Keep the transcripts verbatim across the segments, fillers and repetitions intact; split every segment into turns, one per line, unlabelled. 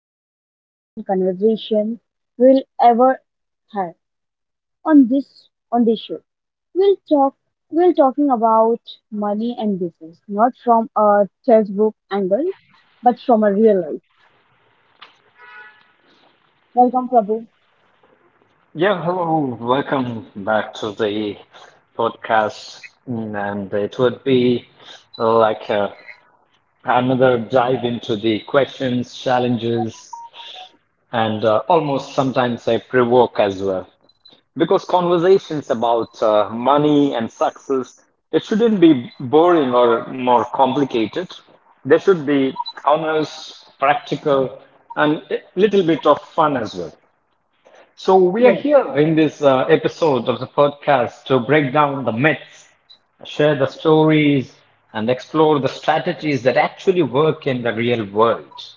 most important conversations we'll ever have on this on this show. We'll talk we're talking about money and business, not from a textbook angle, but from a real life. Welcome, Prabhu.
Yeah, hello, welcome back to the podcast. Mm, And it would be like uh, another dive into the questions, challenges, and uh, almost sometimes I provoke as well. Because conversations about uh, money and success, it shouldn't be boring or more complicated. They should be honest, practical, and a little bit of fun as well. So, we are
Yes.
here in this uh, episode of the podcast to break down the myths, share the stories, and explore the strategies that actually work in the real world.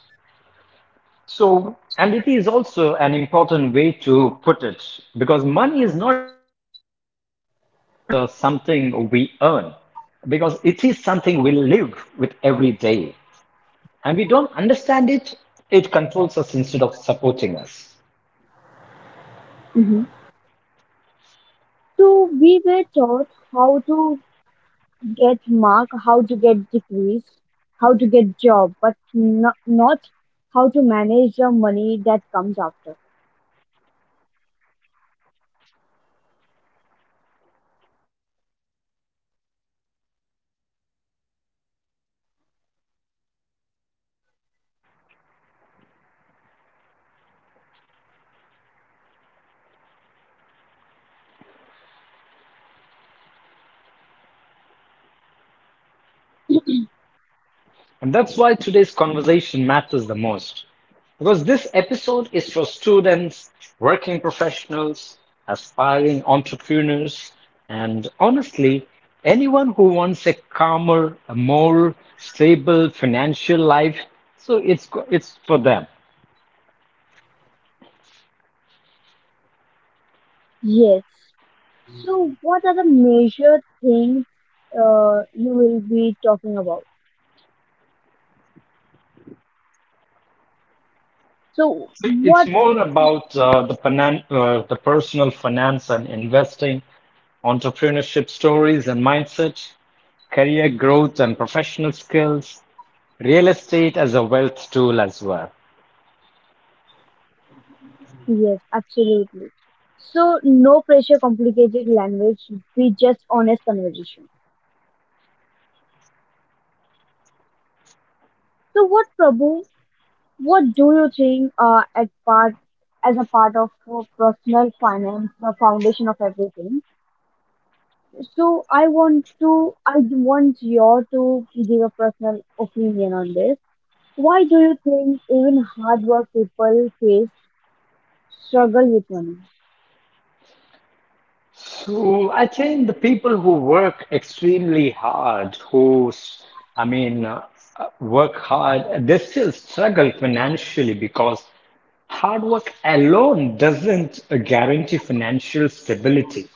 So, and it is also an important way to put it because money is not just uh, something we earn, because it is something we live with every day. And we don't understand it, it controls us instead of supporting us.
Hmm. So we were taught how to get mark, how to get degrees, how to get job, but no, not how to manage the money that comes after.
And that's why today's conversation matters the most. Because this episode is for students, working professionals, aspiring entrepreneurs, and honestly, anyone who wants a calmer, a more stable financial life. So it's go- it's for them.
Yes. So, what are the major things uh, you will be talking about? So,
So it's
what?
more about uh, the finan- uh, the personal finance and investing, entrepreneurship stories and mindset, career growth and professional skills, real estate as a wealth tool as well.
Yes, absolutely. So, no pressure, complicated language. Be just honest conversation. So, what Prabhu, what do you think uh, at part as a part of uh, personal finance, the foundation of everything? So I want to I want you to give a personal opinion on this. Why do you think even hard work people face struggle with money?
So I think the people who work extremely hard, who, s- I mean, uh, work hard, they still struggle financially because hard work alone doesn't uh, guarantee financial stability.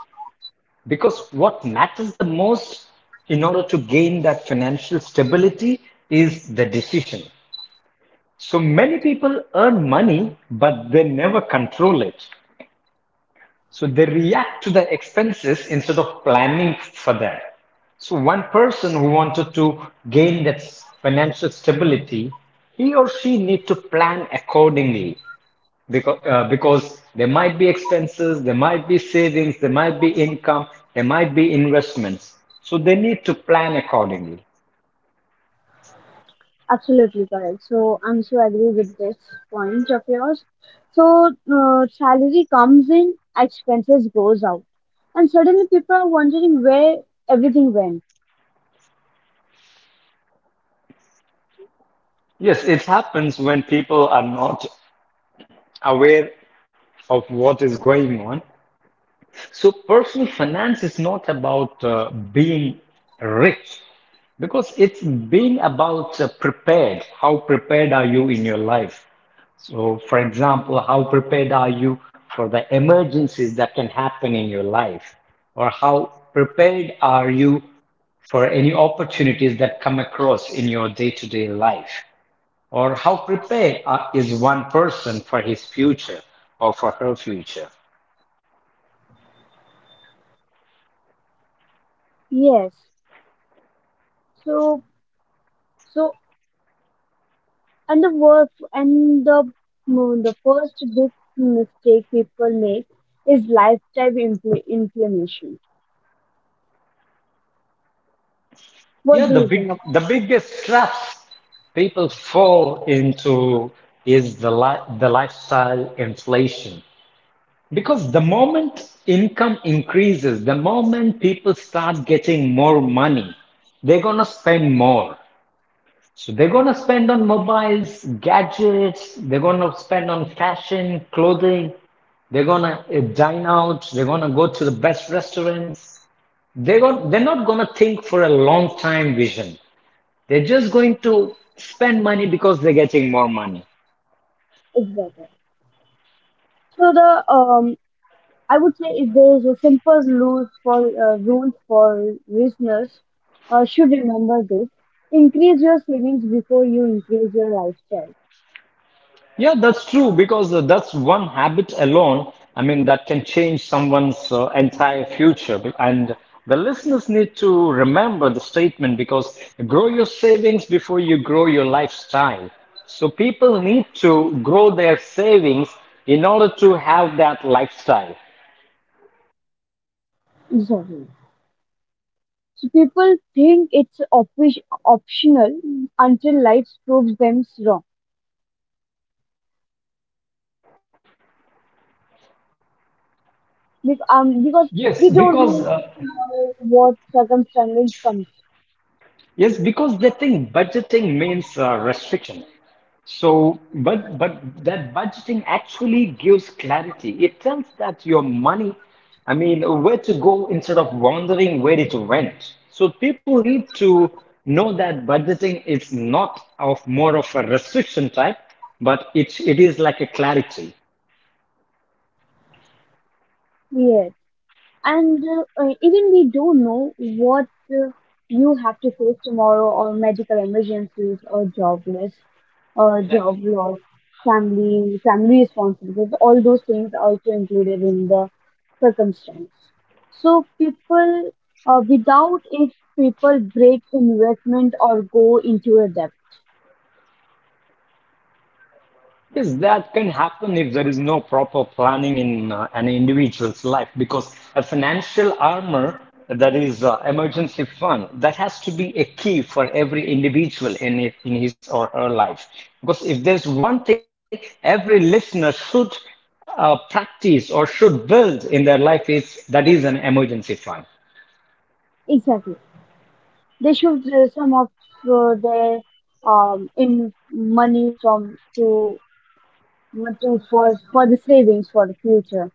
Because what matters the most in order to gain that financial stability is the decision. So many people earn money, but they never control it. So they react to the expenses instead of planning for that. So one person who wanted to gain that financial stability, he or she need to plan accordingly because uh, because there might be expenses, there might be savings, there might be income, there might be investments. So they need to plan accordingly.
Absolutely correct. So I'm so agree with this point of yours. So uh, salary comes in, expenses goes out, and suddenly people are wondering where everything went.
Yes, it happens when people are not aware of what is going on. So personal finance is not about uh, being rich because it's being about uh, prepared. How prepared are you in your life? So, for example, how prepared are you for the emergencies that can happen in your life? Or how prepared are you for any opportunities that come across in your day-to-day life? Or how prepared are, is one person for his future or for her future?
Yes. So, so, and the work and the mm, the first big mistake people make is lifestyle impl- inflammation. What
Yeah,
do
the
you think
big
about
the biggest traps people fall into is the li the lifestyle inflation. Because the moment income increases, the moment people start getting more money, they're gonna spend more. So they're gonna spend on mobiles, gadgets, they're gonna spend on fashion, clothing, they're gonna uh, dine out, they're gonna go to the best restaurants. They're going they're not gonna think for a long time vision. They're just going to spend money because they're getting more money.
it? Exactly? So the um, I would say if there is a simple rule for uh, rule for listeners, uh, should remember this: increase your savings before you increase your lifestyle.
Yeah, that's true because uh, that's one habit alone. I mean, that can change someone's uh, entire future. And the listeners need to remember the statement because grow your savings before you grow your lifestyle. So people need to grow their savings in order to have that lifestyle.
Exactly. So people think it's op- optional until life proves them wrong. Be- um, because
Yes,
we don't
because
know
uh,
what circumstances comes
yes, because they think budgeting means uh, restriction. So, but but that budgeting actually gives clarity. It tells that your money, I mean, where to go instead of wondering where it went. So people need to know that budgeting is not of more of a restriction type, but it it is like a clarity.
here, and uh, uh, even we don't know what uh, you have to face tomorrow, or medical emergencies, or jobless, or job loss, family, family responsibilities. All those things are also included in the circumstance. So people, uh, without it, people break investment or go into a debt.
Yes, that can happen if there is no proper planning in uh, an individual's life because a financial armor, that is uh, emergency fund, that has to be a key for every individual in it, in his or her life because if there's one thing every listener should uh, practice or should build in their life is that is an emergency fund.
Exactly. They should uh, some of uh, their um, in money from to to for for the savings for the future.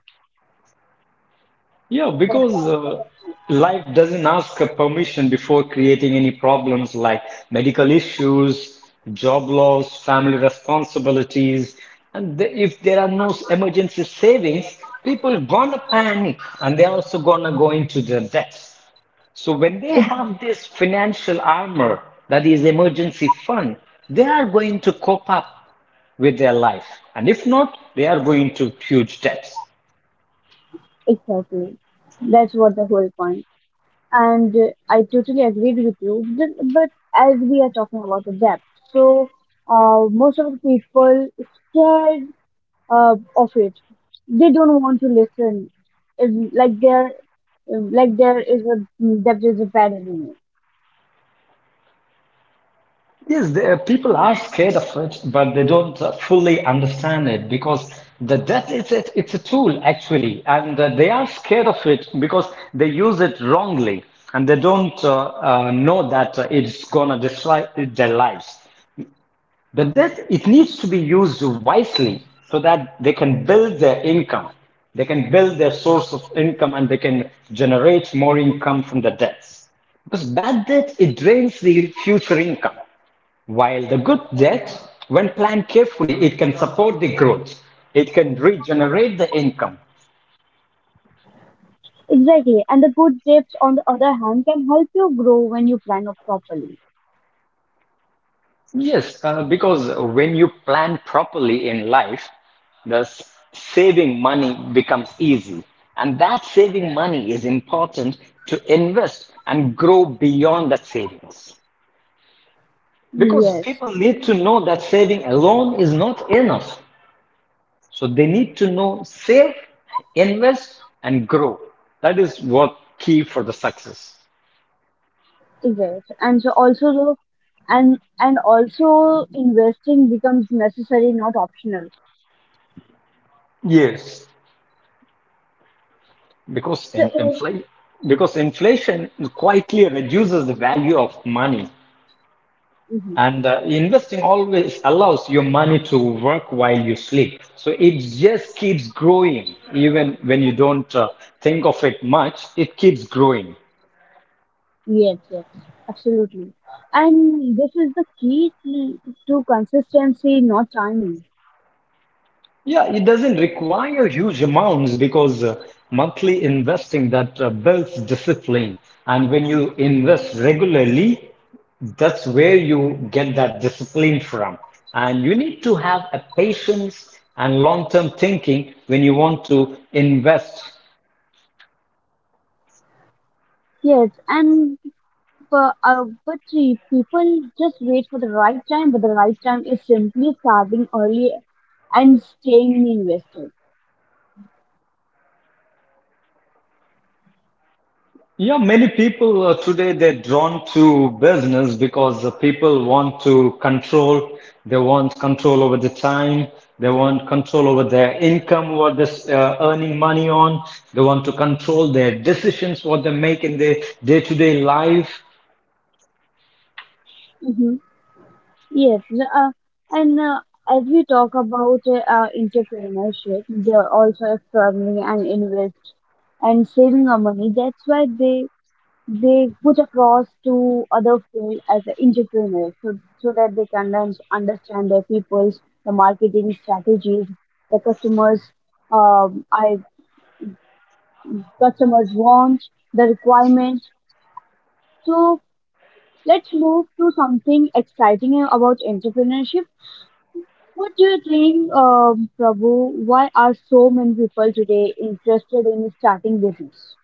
Yeah,
For
because uh, life doesn't ask a permission before creating any problems like medical issues, job loss, family responsibilities. And the, if there are no emergency savings, people gonna panic and they're also gonna go into the debt. So when they have this financial armor, that is emergency fund, they are going to cope up with their life. And if not, they are going to huge debts.
exactly, that's what the whole point. And uh, I totally agreed with you. Th- But as we are talking about the debt, so uh, most of the people scared uh, of it. They don't want to listen. If, like there, like there is a debt is a bad enemy.
Yes, the, uh, people are scared of it, but they don't uh, fully understand it because the death is it, it's a tool actually, and uh, they are scared of it because they use it wrongly and they don't uh, uh, know that uh, it's gonna destroy their lives. The death it needs to be used wisely so that they can build their income, they can build their source of income, and they can generate more income from the debts. Because bad debt, it drains the future income. While the good debt, when planned carefully, it can support the growth. It can regenerate the income.
Exactly. And the good tips, on the other hand, can help you grow when you plan up properly.
Yes, uh, because when you plan properly in life, the s- saving money becomes easy. And that saving money is important to invest and grow beyond that savings. Because
Yes.
people need to know that saving alone is not enough. So they need to know save, invest, and grow. That is what key for the success.
Yes. And so also, the- and and also investing becomes necessary, not optional.
Yes, because
So
in
it,
inflation, because inflation quietly reduces the value of money,
mhm.
and uh, investing always allows your money to work while you sleep. So it just keeps growing, even when you don't uh, think of it much. It keeps growing.
Yes, yes, absolutely. And this is the key to, to consistency, not timing.
Yeah, it doesn't require huge amounts because uh, monthly investing that uh, builds discipline. And when you invest regularly, that's where you get that discipline from. And you need to have a patience and long-term thinking when you want to invest.
Yes, and for, uh, but see, people just wait for the right time, but the right time is simply starting early and staying invested.
Yeah, many people uh, today they're drawn to business because uh, people want to control. They want control over the time. They want control over their income, what they're uh, earning money on. They want to control their decisions, what they make in their day-to-day life.
Mm-hmm. Yes, the- uh, and uh, as we talk about uh, uh, entrepreneurship, they're also struggling and invest and saving our money. That's why they they put across to other field as a entrepreneurs, so so that they can learn to understand their people's the marketing strategies, the customers, um, I customers want the requirements. So let's move to something exciting about entrepreneurship. What do you think, um, Prabhu? Why are so many people today interested in starting business?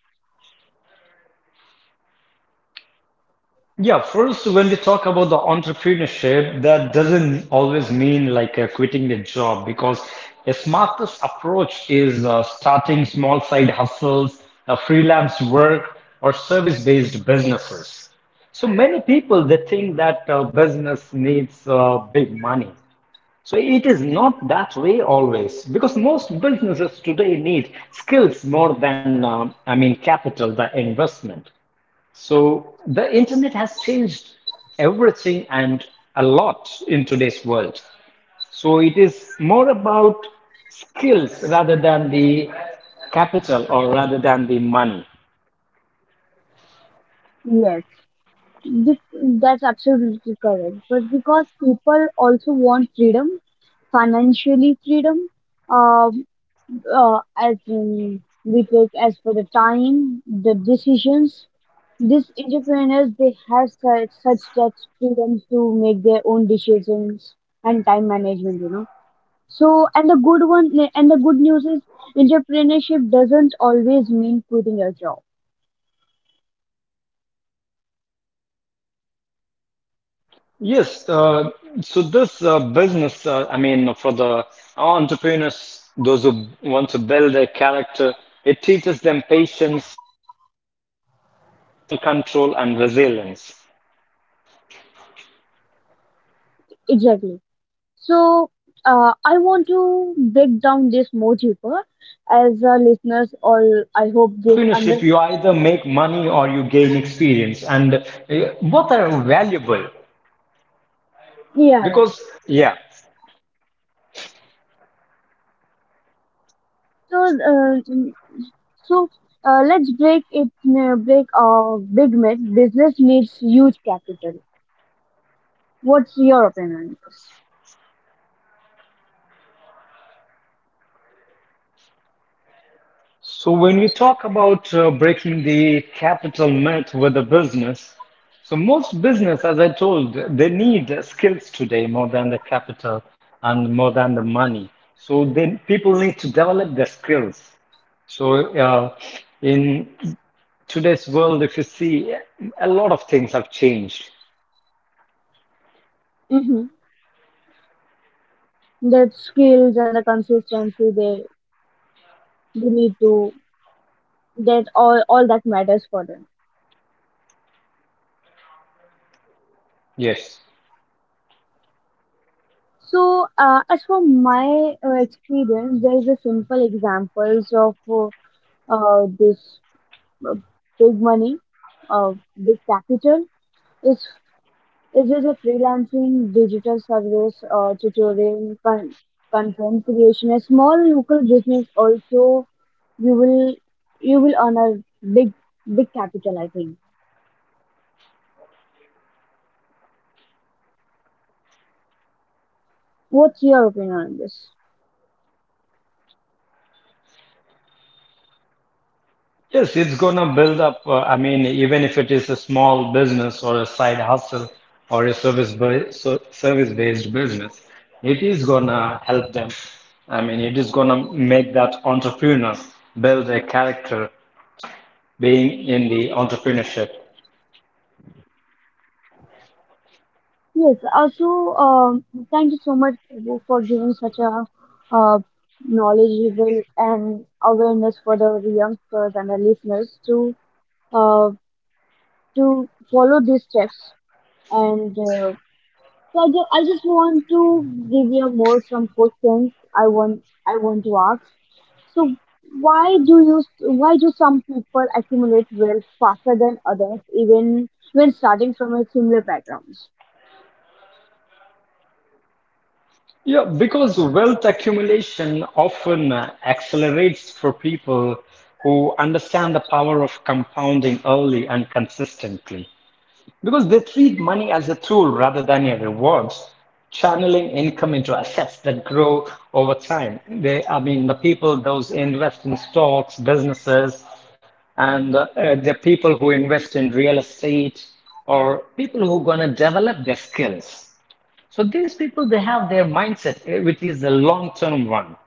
Yeah, first, when we talk about the entrepreneurship, that doesn't always mean like uh, quitting the job because a smartest approach is uh, starting small side hustles, uh, freelance work, or service-based businesses. So many people they think that uh, business needs uh, big money. So it is not that way always because most businesses today need skills more than um I mean capital, the investment. So the internet has changed everything and a lot in today's world. So it is more about skills rather than the capital or rather than the money.
Yes, this, that's absolutely correct. But because people also want freedom, financially freedom, um, uh, as in we take as for the time, the decisions. These entrepreneurs they have such such that freedom to make their own decisions and time management. You know. So, and the good one, and the good news is, entrepreneurship doesn't always mean quitting your job.
Yes, uh, so this uh, business, uh, I mean, for the entrepreneurs, those who want to build their character, it teaches them patience, emotional control, and resilience.
Exactly. So, uh, I want to break down this more deeper, as uh, listeners
Because
all,
in uh,
I hope this
entrepreneurship,
under.
you either make money or you gain experience, and uh, both are valuable.
Yeah.
Because, yeah,
So, uh, mm, so uh, let's break it. Uh, break a big myth. Business needs huge capital. What's your opinion on this?
so when we talk about uh, breaking the capital myth with a business, so most business, as I told, they need skills today more than the capital and more than the money. So then people need to develop their skills. So uh, in today's world, if you see, a lot of things have changed.
Mm-hmm. The skills and the consistency they we need to. That all, all that matters for them.
Yes.
So, uh, as for my uh, experience, there is a simple examples of uh, uh, this big money, uh, big capital. It's it is a freelancing digital service, uh, tutoring, con- content creation. A small local business also you will you will earn a big big capital. I think. What's your opinion on this?
Yes, it's gonna build up. Uh, I mean, even if it is a small business or a side hustle or a service ba- so service-based business, it is gonna help them. I mean, it is gonna make that entrepreneur build a character being in the entrepreneurship.
Yes, also, um, thank you so much Prabhu, for giving such a uh, knowledgeable and awareness for the youngsters and the listeners to uh, to follow these steps. And uh, so I, ju- I just want to give you more some questions I want I want to ask. So why do you why do some people accumulate wealth faster than others even when starting from a similar background?
Yeah, because wealth accumulation often uh, accelerates for people who understand the power of compounding early and consistently. Because they treat money as a tool rather than a reward, channeling income into assets that grow over time. They, I mean, the people those invest in stocks, businesses, and uh, the people who invest in real estate or people who are going to develop their skills. So these people, they have their mindset, eh, which is a long-term one.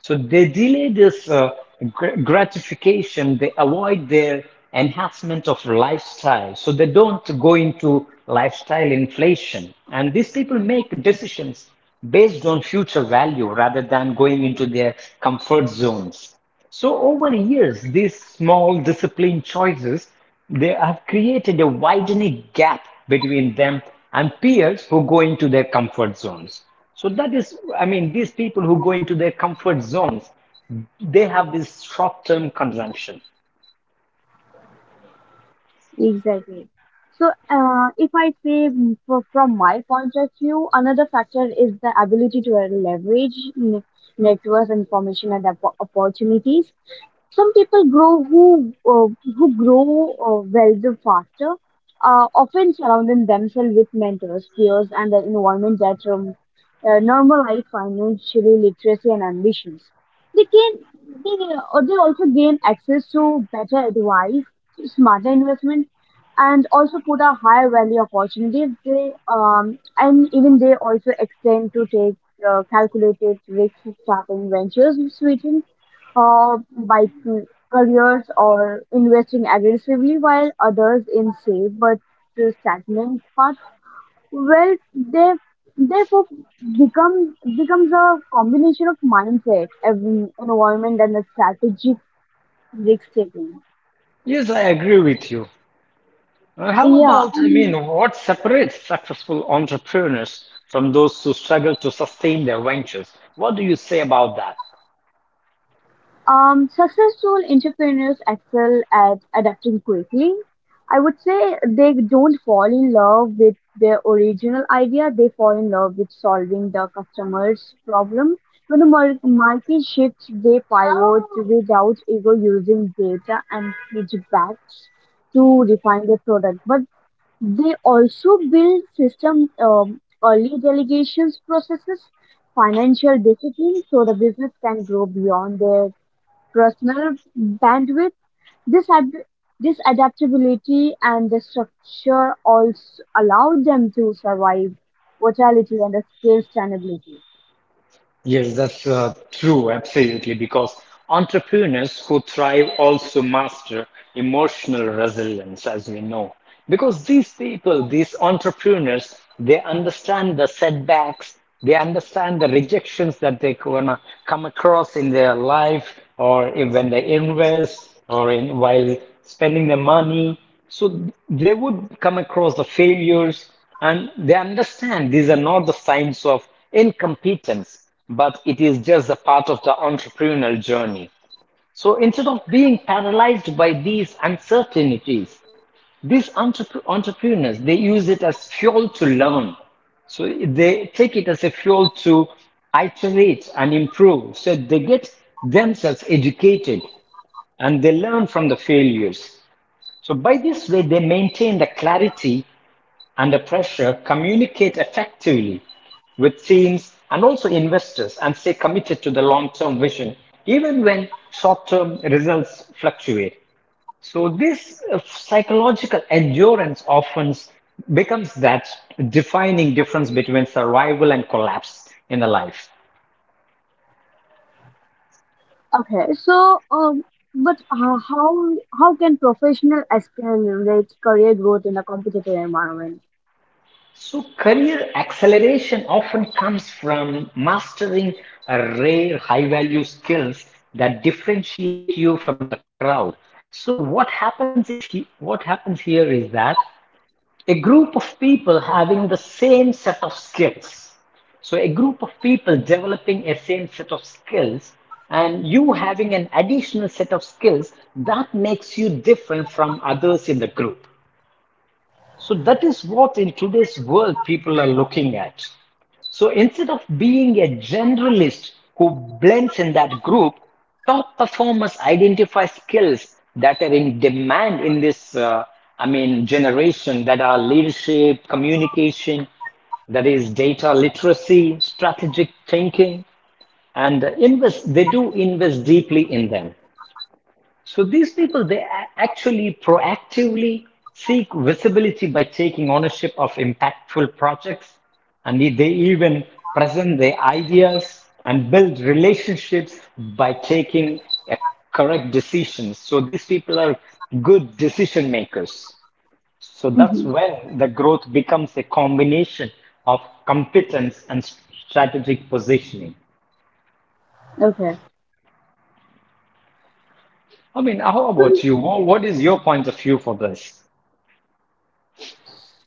So they delay this uh, gr- gratification, they avoid their enhancement of lifestyle. So they don't go into lifestyle inflation. And these people make decisions based on future value rather than going into their comfort zones. So over the years, these small discipline choices, they have created a widening gap between them and peers who go into their comfort zones. So that is, I mean, these people who go into their comfort zones, they have this short-term consumption.
Exactly. So, uh, if I say mm, fro- from my point of view, another factor is the ability to leverage ne- networks, information, and oppo- opportunities. Some people grow who uh, who grow uh, wealthy faster uh, often surrounding themselves with mentors, peers, and the environment that um, uh, normalize financially literacy and ambitions. They can they, uh, they also gain access to better advice, smarter investment, and also put a higher value opportunities. They um, and even they also extend to take uh, calculated risk starting ventures, switching uh, by c- careers or investing aggressively, while others in safe but uh, stagnant path. Well, they therefore become becomes a combination of mindset, ev- environment, and a strategic risk taking.
Yes, I agree with you. Uh, How
Yeah.
about, I mean, what separates successful entrepreneurs from those who struggle to sustain their ventures? What do you say about that?
Um, successful entrepreneurs excel at adapting quickly. I would say they don't fall in love with their original idea, they fall in love with solving the customer's problem. When the mar- market shifts, they pivot without ego using data and feedbacks to refine their product. But they also build system um, early delegations processes, financial discipline, so the business can grow beyond their personal bandwidth. This, ad- this adaptability and the structure also allowed them to survive volatility and the scale sustainability.
Yes, that's uh, true, absolutely, because entrepreneurs who thrive also master emotional resilience, as we know. Because these people, these entrepreneurs, they understand the setbacks, they understand the rejections that they're gonna come across in their life, or if, when they invest, or in while spending their money. So they would come across the failures, and they understand these are not the signs of incompetence, but it is just a part of the entrepreneurial journey. So instead of being paralyzed by these uncertainties, these entrep- entrepreneurs, they use it as fuel to learn. So they take it as a fuel to iterate and improve. So they get themselves educated and they learn from the failures. So by this way, they maintain the clarity under pressure, communicate effectively with teams and also investors and stay committed to the long term vision, even when short term results fluctuate. So, this uh, psychological endurance often becomes that defining difference between survival and collapse in the life.
Okay, so um, but uh, how how can professional accelerate career growth in a competitive environment?
So, career acceleration often comes from mastering a rare high value skills that differentiate you from the crowd. So, what happens is he, what happens here is that a group of people having the same set of skills. So, a group of people developing a same set of skills and you having an additional set of skills that makes you different from others in the group. So that is what in today's world people are looking at. So instead of being a generalist who blends in that group, top performers identify skills that are in demand in this, uh, I mean, generation that are leadership, communication, that is data literacy, strategic thinking, and invest, they do invest deeply in them. So these people, they a- actually proactively seek visibility by taking ownership of impactful projects, and they they even present their ideas and build relationships by taking uh, correct decisions. So these people are good decision makers. So that's
Hmm.
when the growth becomes a combination of competence and strategic positioning.
Okay.
I mean, how
So,
about you? Wha- What is your point of view for this?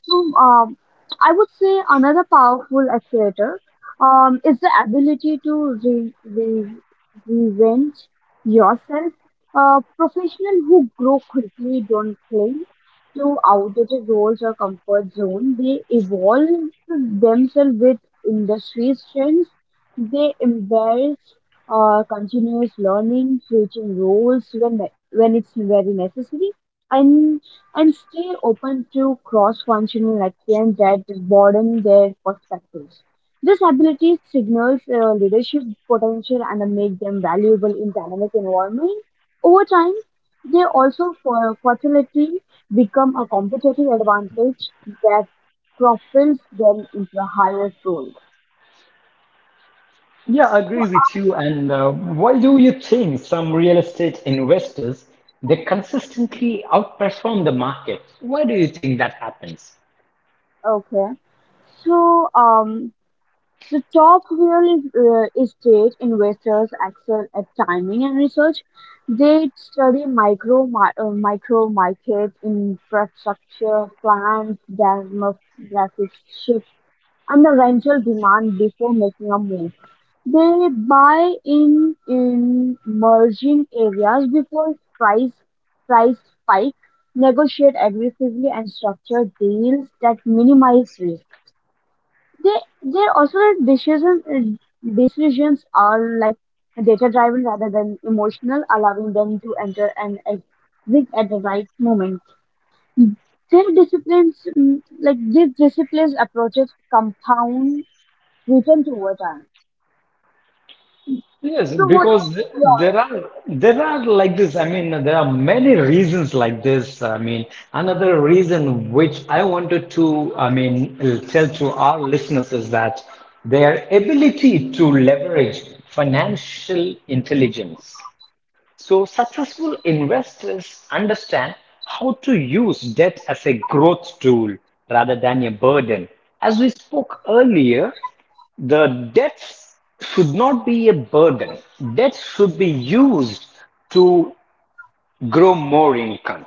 So, um, I would say another powerful accelerator um, is the ability to re- re- reinvent yourself. Uh, professionals who grow quickly don't cling to outdated roles or comfort zone. They evolve themselves with industry trends. They embrace uh, continuous learning, switching roles when when it's very necessary, and and stay open to cross functional excellence that broaden their perspectives. This ability signals uh, leadership potential and make them valuable in dynamic environment. Over time, they also for fertility become a competitive advantage that propels them into a higher role.
Yeah, I
So.
agree with you. And uh, why do you think some real estate investors they consistently outperform the market? Why do you think that happens?
Okay. So um The top real uh, estate investors excel at timing and research. They study micro ma- uh, micro market infrastructure plans, demographic shift, and the rental demand before making a move. They buy in in emerging areas before price price spike, negotiate aggressively, and structure deals that minimize risk. They they also like decision decisions are like data driven rather than emotional, allowing them to enter and exit at the right moment. Their disciplines mm, like these disciplines approaches compound returns over time.
Yes,
So what?
because th- there
Yeah.
are there are like this. I mean, there are many reasons like this. I mean, another reason which I wanted to, I mean, tell to our listeners is that their ability to leverage financial intelligence. So successful investors understand how to use debt as a growth tool rather than a burden. As we spoke earlier, the debt should not be a burden. Debt should be used to grow more income.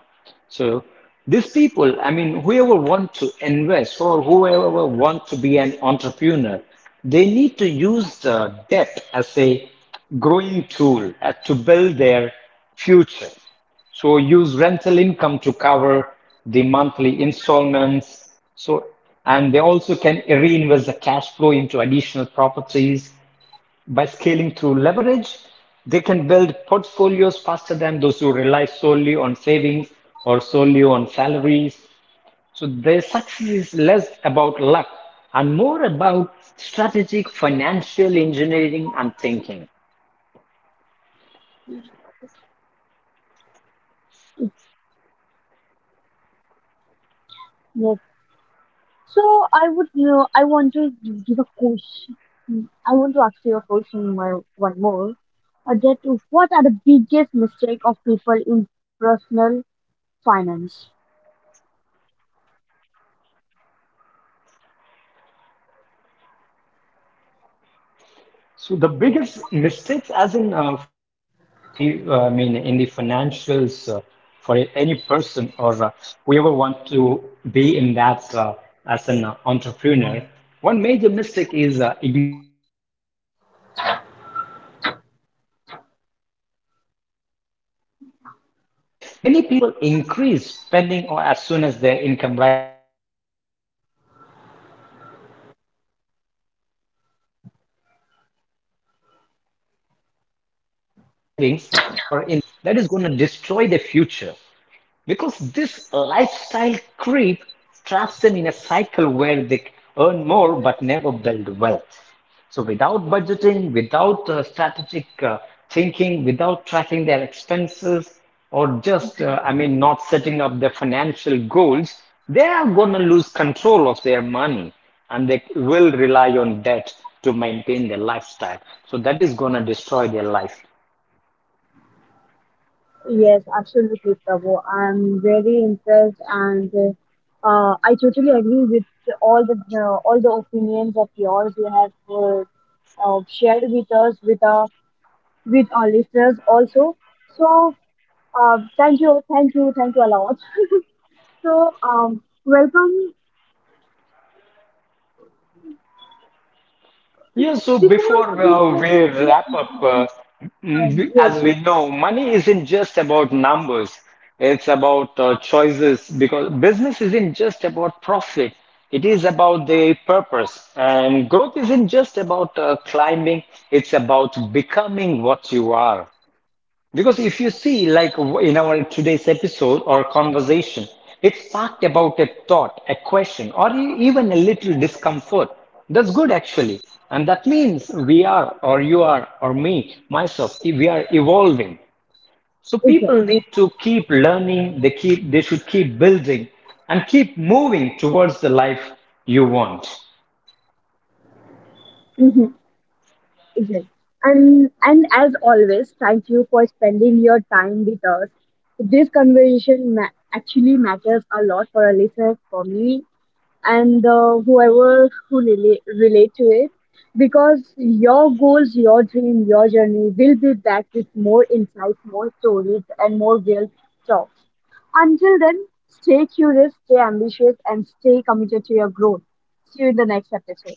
So these people, I mean, whoever wants to invest or whoever wants to be an entrepreneur, they need to use the debt as a growing tool uh, to build their future. So use rental income to cover the monthly installments. So and they also can reinvest the cash flow into additional properties by scaling through leverage, they can build portfolios faster than those who rely solely on savings or solely on salaries. So their success is less about luck and more about strategic financial engineering and thinking.
Yes. So I would you know I want to give a question. I want to ask you a question one one more. Uh, that what are the biggest mistake of people in personal finance.
So the biggest mistakes, as in uh, for the, uh, I mean, in the financials, uh, for a- any person or uh, whoever wants to be in that uh, as an uh, entrepreneur, one major mistake is uh, ignoring the gap between income and the lifestyle. I want to, I mean, reiterate myself because many people increase spending or as soon as their income rises, as we talked earlier, because leaving no room for savings or investments, that is going to hamper the life in future. That is going to destroy the future. Because this lifestyle creep traps them in a cycle where they earn more but never build wealth. So, without budgeting, without uh, strategic uh, thinking, without tracking their expenses, or just, uh, I mean, not setting up their financial goals, they are going to lose control of their money and they will rely on debt to maintain their lifestyle. So, that is going to destroy their life.
Yes, absolutely, Prabhu. I'm very impressed, and uh, I totally agree with all the uh, all the opinions of yours you have uh, uh, shared with us, with our with our listeners also. So, uh, thank you, thank you, thank you a lot. So, um, welcome.
Yeah, so
Before
before
we
uh,
go,
we wrap up, uh,
um,
mm, as
yes,
we know, money isn't just about numbers. It's about uh, choices because business isn't just about profit. It is about the purpose. And growth isn't just about uh, climbing. It's about becoming what you are. Because if you see, like in our today's episode or conversation, it's talked about a thought, a question, or e- even a little discomfort. That's good actually. And that means we are, or you are, or me, myself, e- we are evolving. So people
it's
need to keep learning, they keep they should keep building and keep moving towards the life you want.
it. Exactly. And and as always, thank you for spending your time with us. This conversation ma- actually matters a lot for our listeners, for me, and uh, whoever who relate, relate to it, because your goals, your dream, your journey will be back with more insights, more stories, and more real talks. Until then, stay curious, stay ambitious, and stay committed to your growth. See you in the next episode.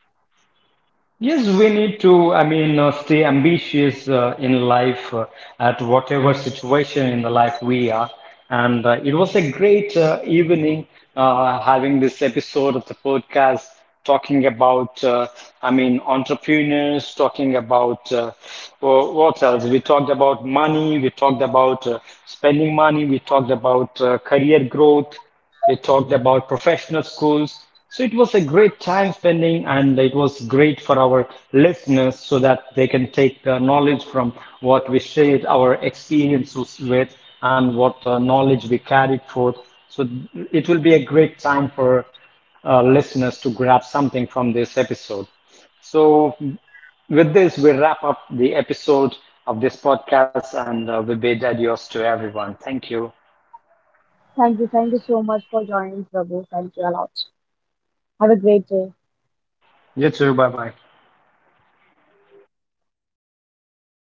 Yes, we need to, I mean, uh, stay ambitious uh, in life uh, at whatever situation in the life we are. And uh, it was a great uh, evening uh, having this episode of the podcast, talking about, uh, I mean, entrepreneurs, talking about uh, wh- what else? We talked about money, we talked about uh, spending money, we talked about uh, career growth. They talked about professional schools. So it was a great time spending and it was great for our listeners so that they can take the knowledge from what we shared our experiences with and what uh, knowledge we carried forth. So it will be a great time for uh, listeners to grab something from this episode. So with this, we wrap up the episode of this podcast and uh, we bid adios to everyone. Thank you.
Thank you. Thank you so much for joining, Prabhu. Thank you a lot. Have a great day.
You too. Bye bye.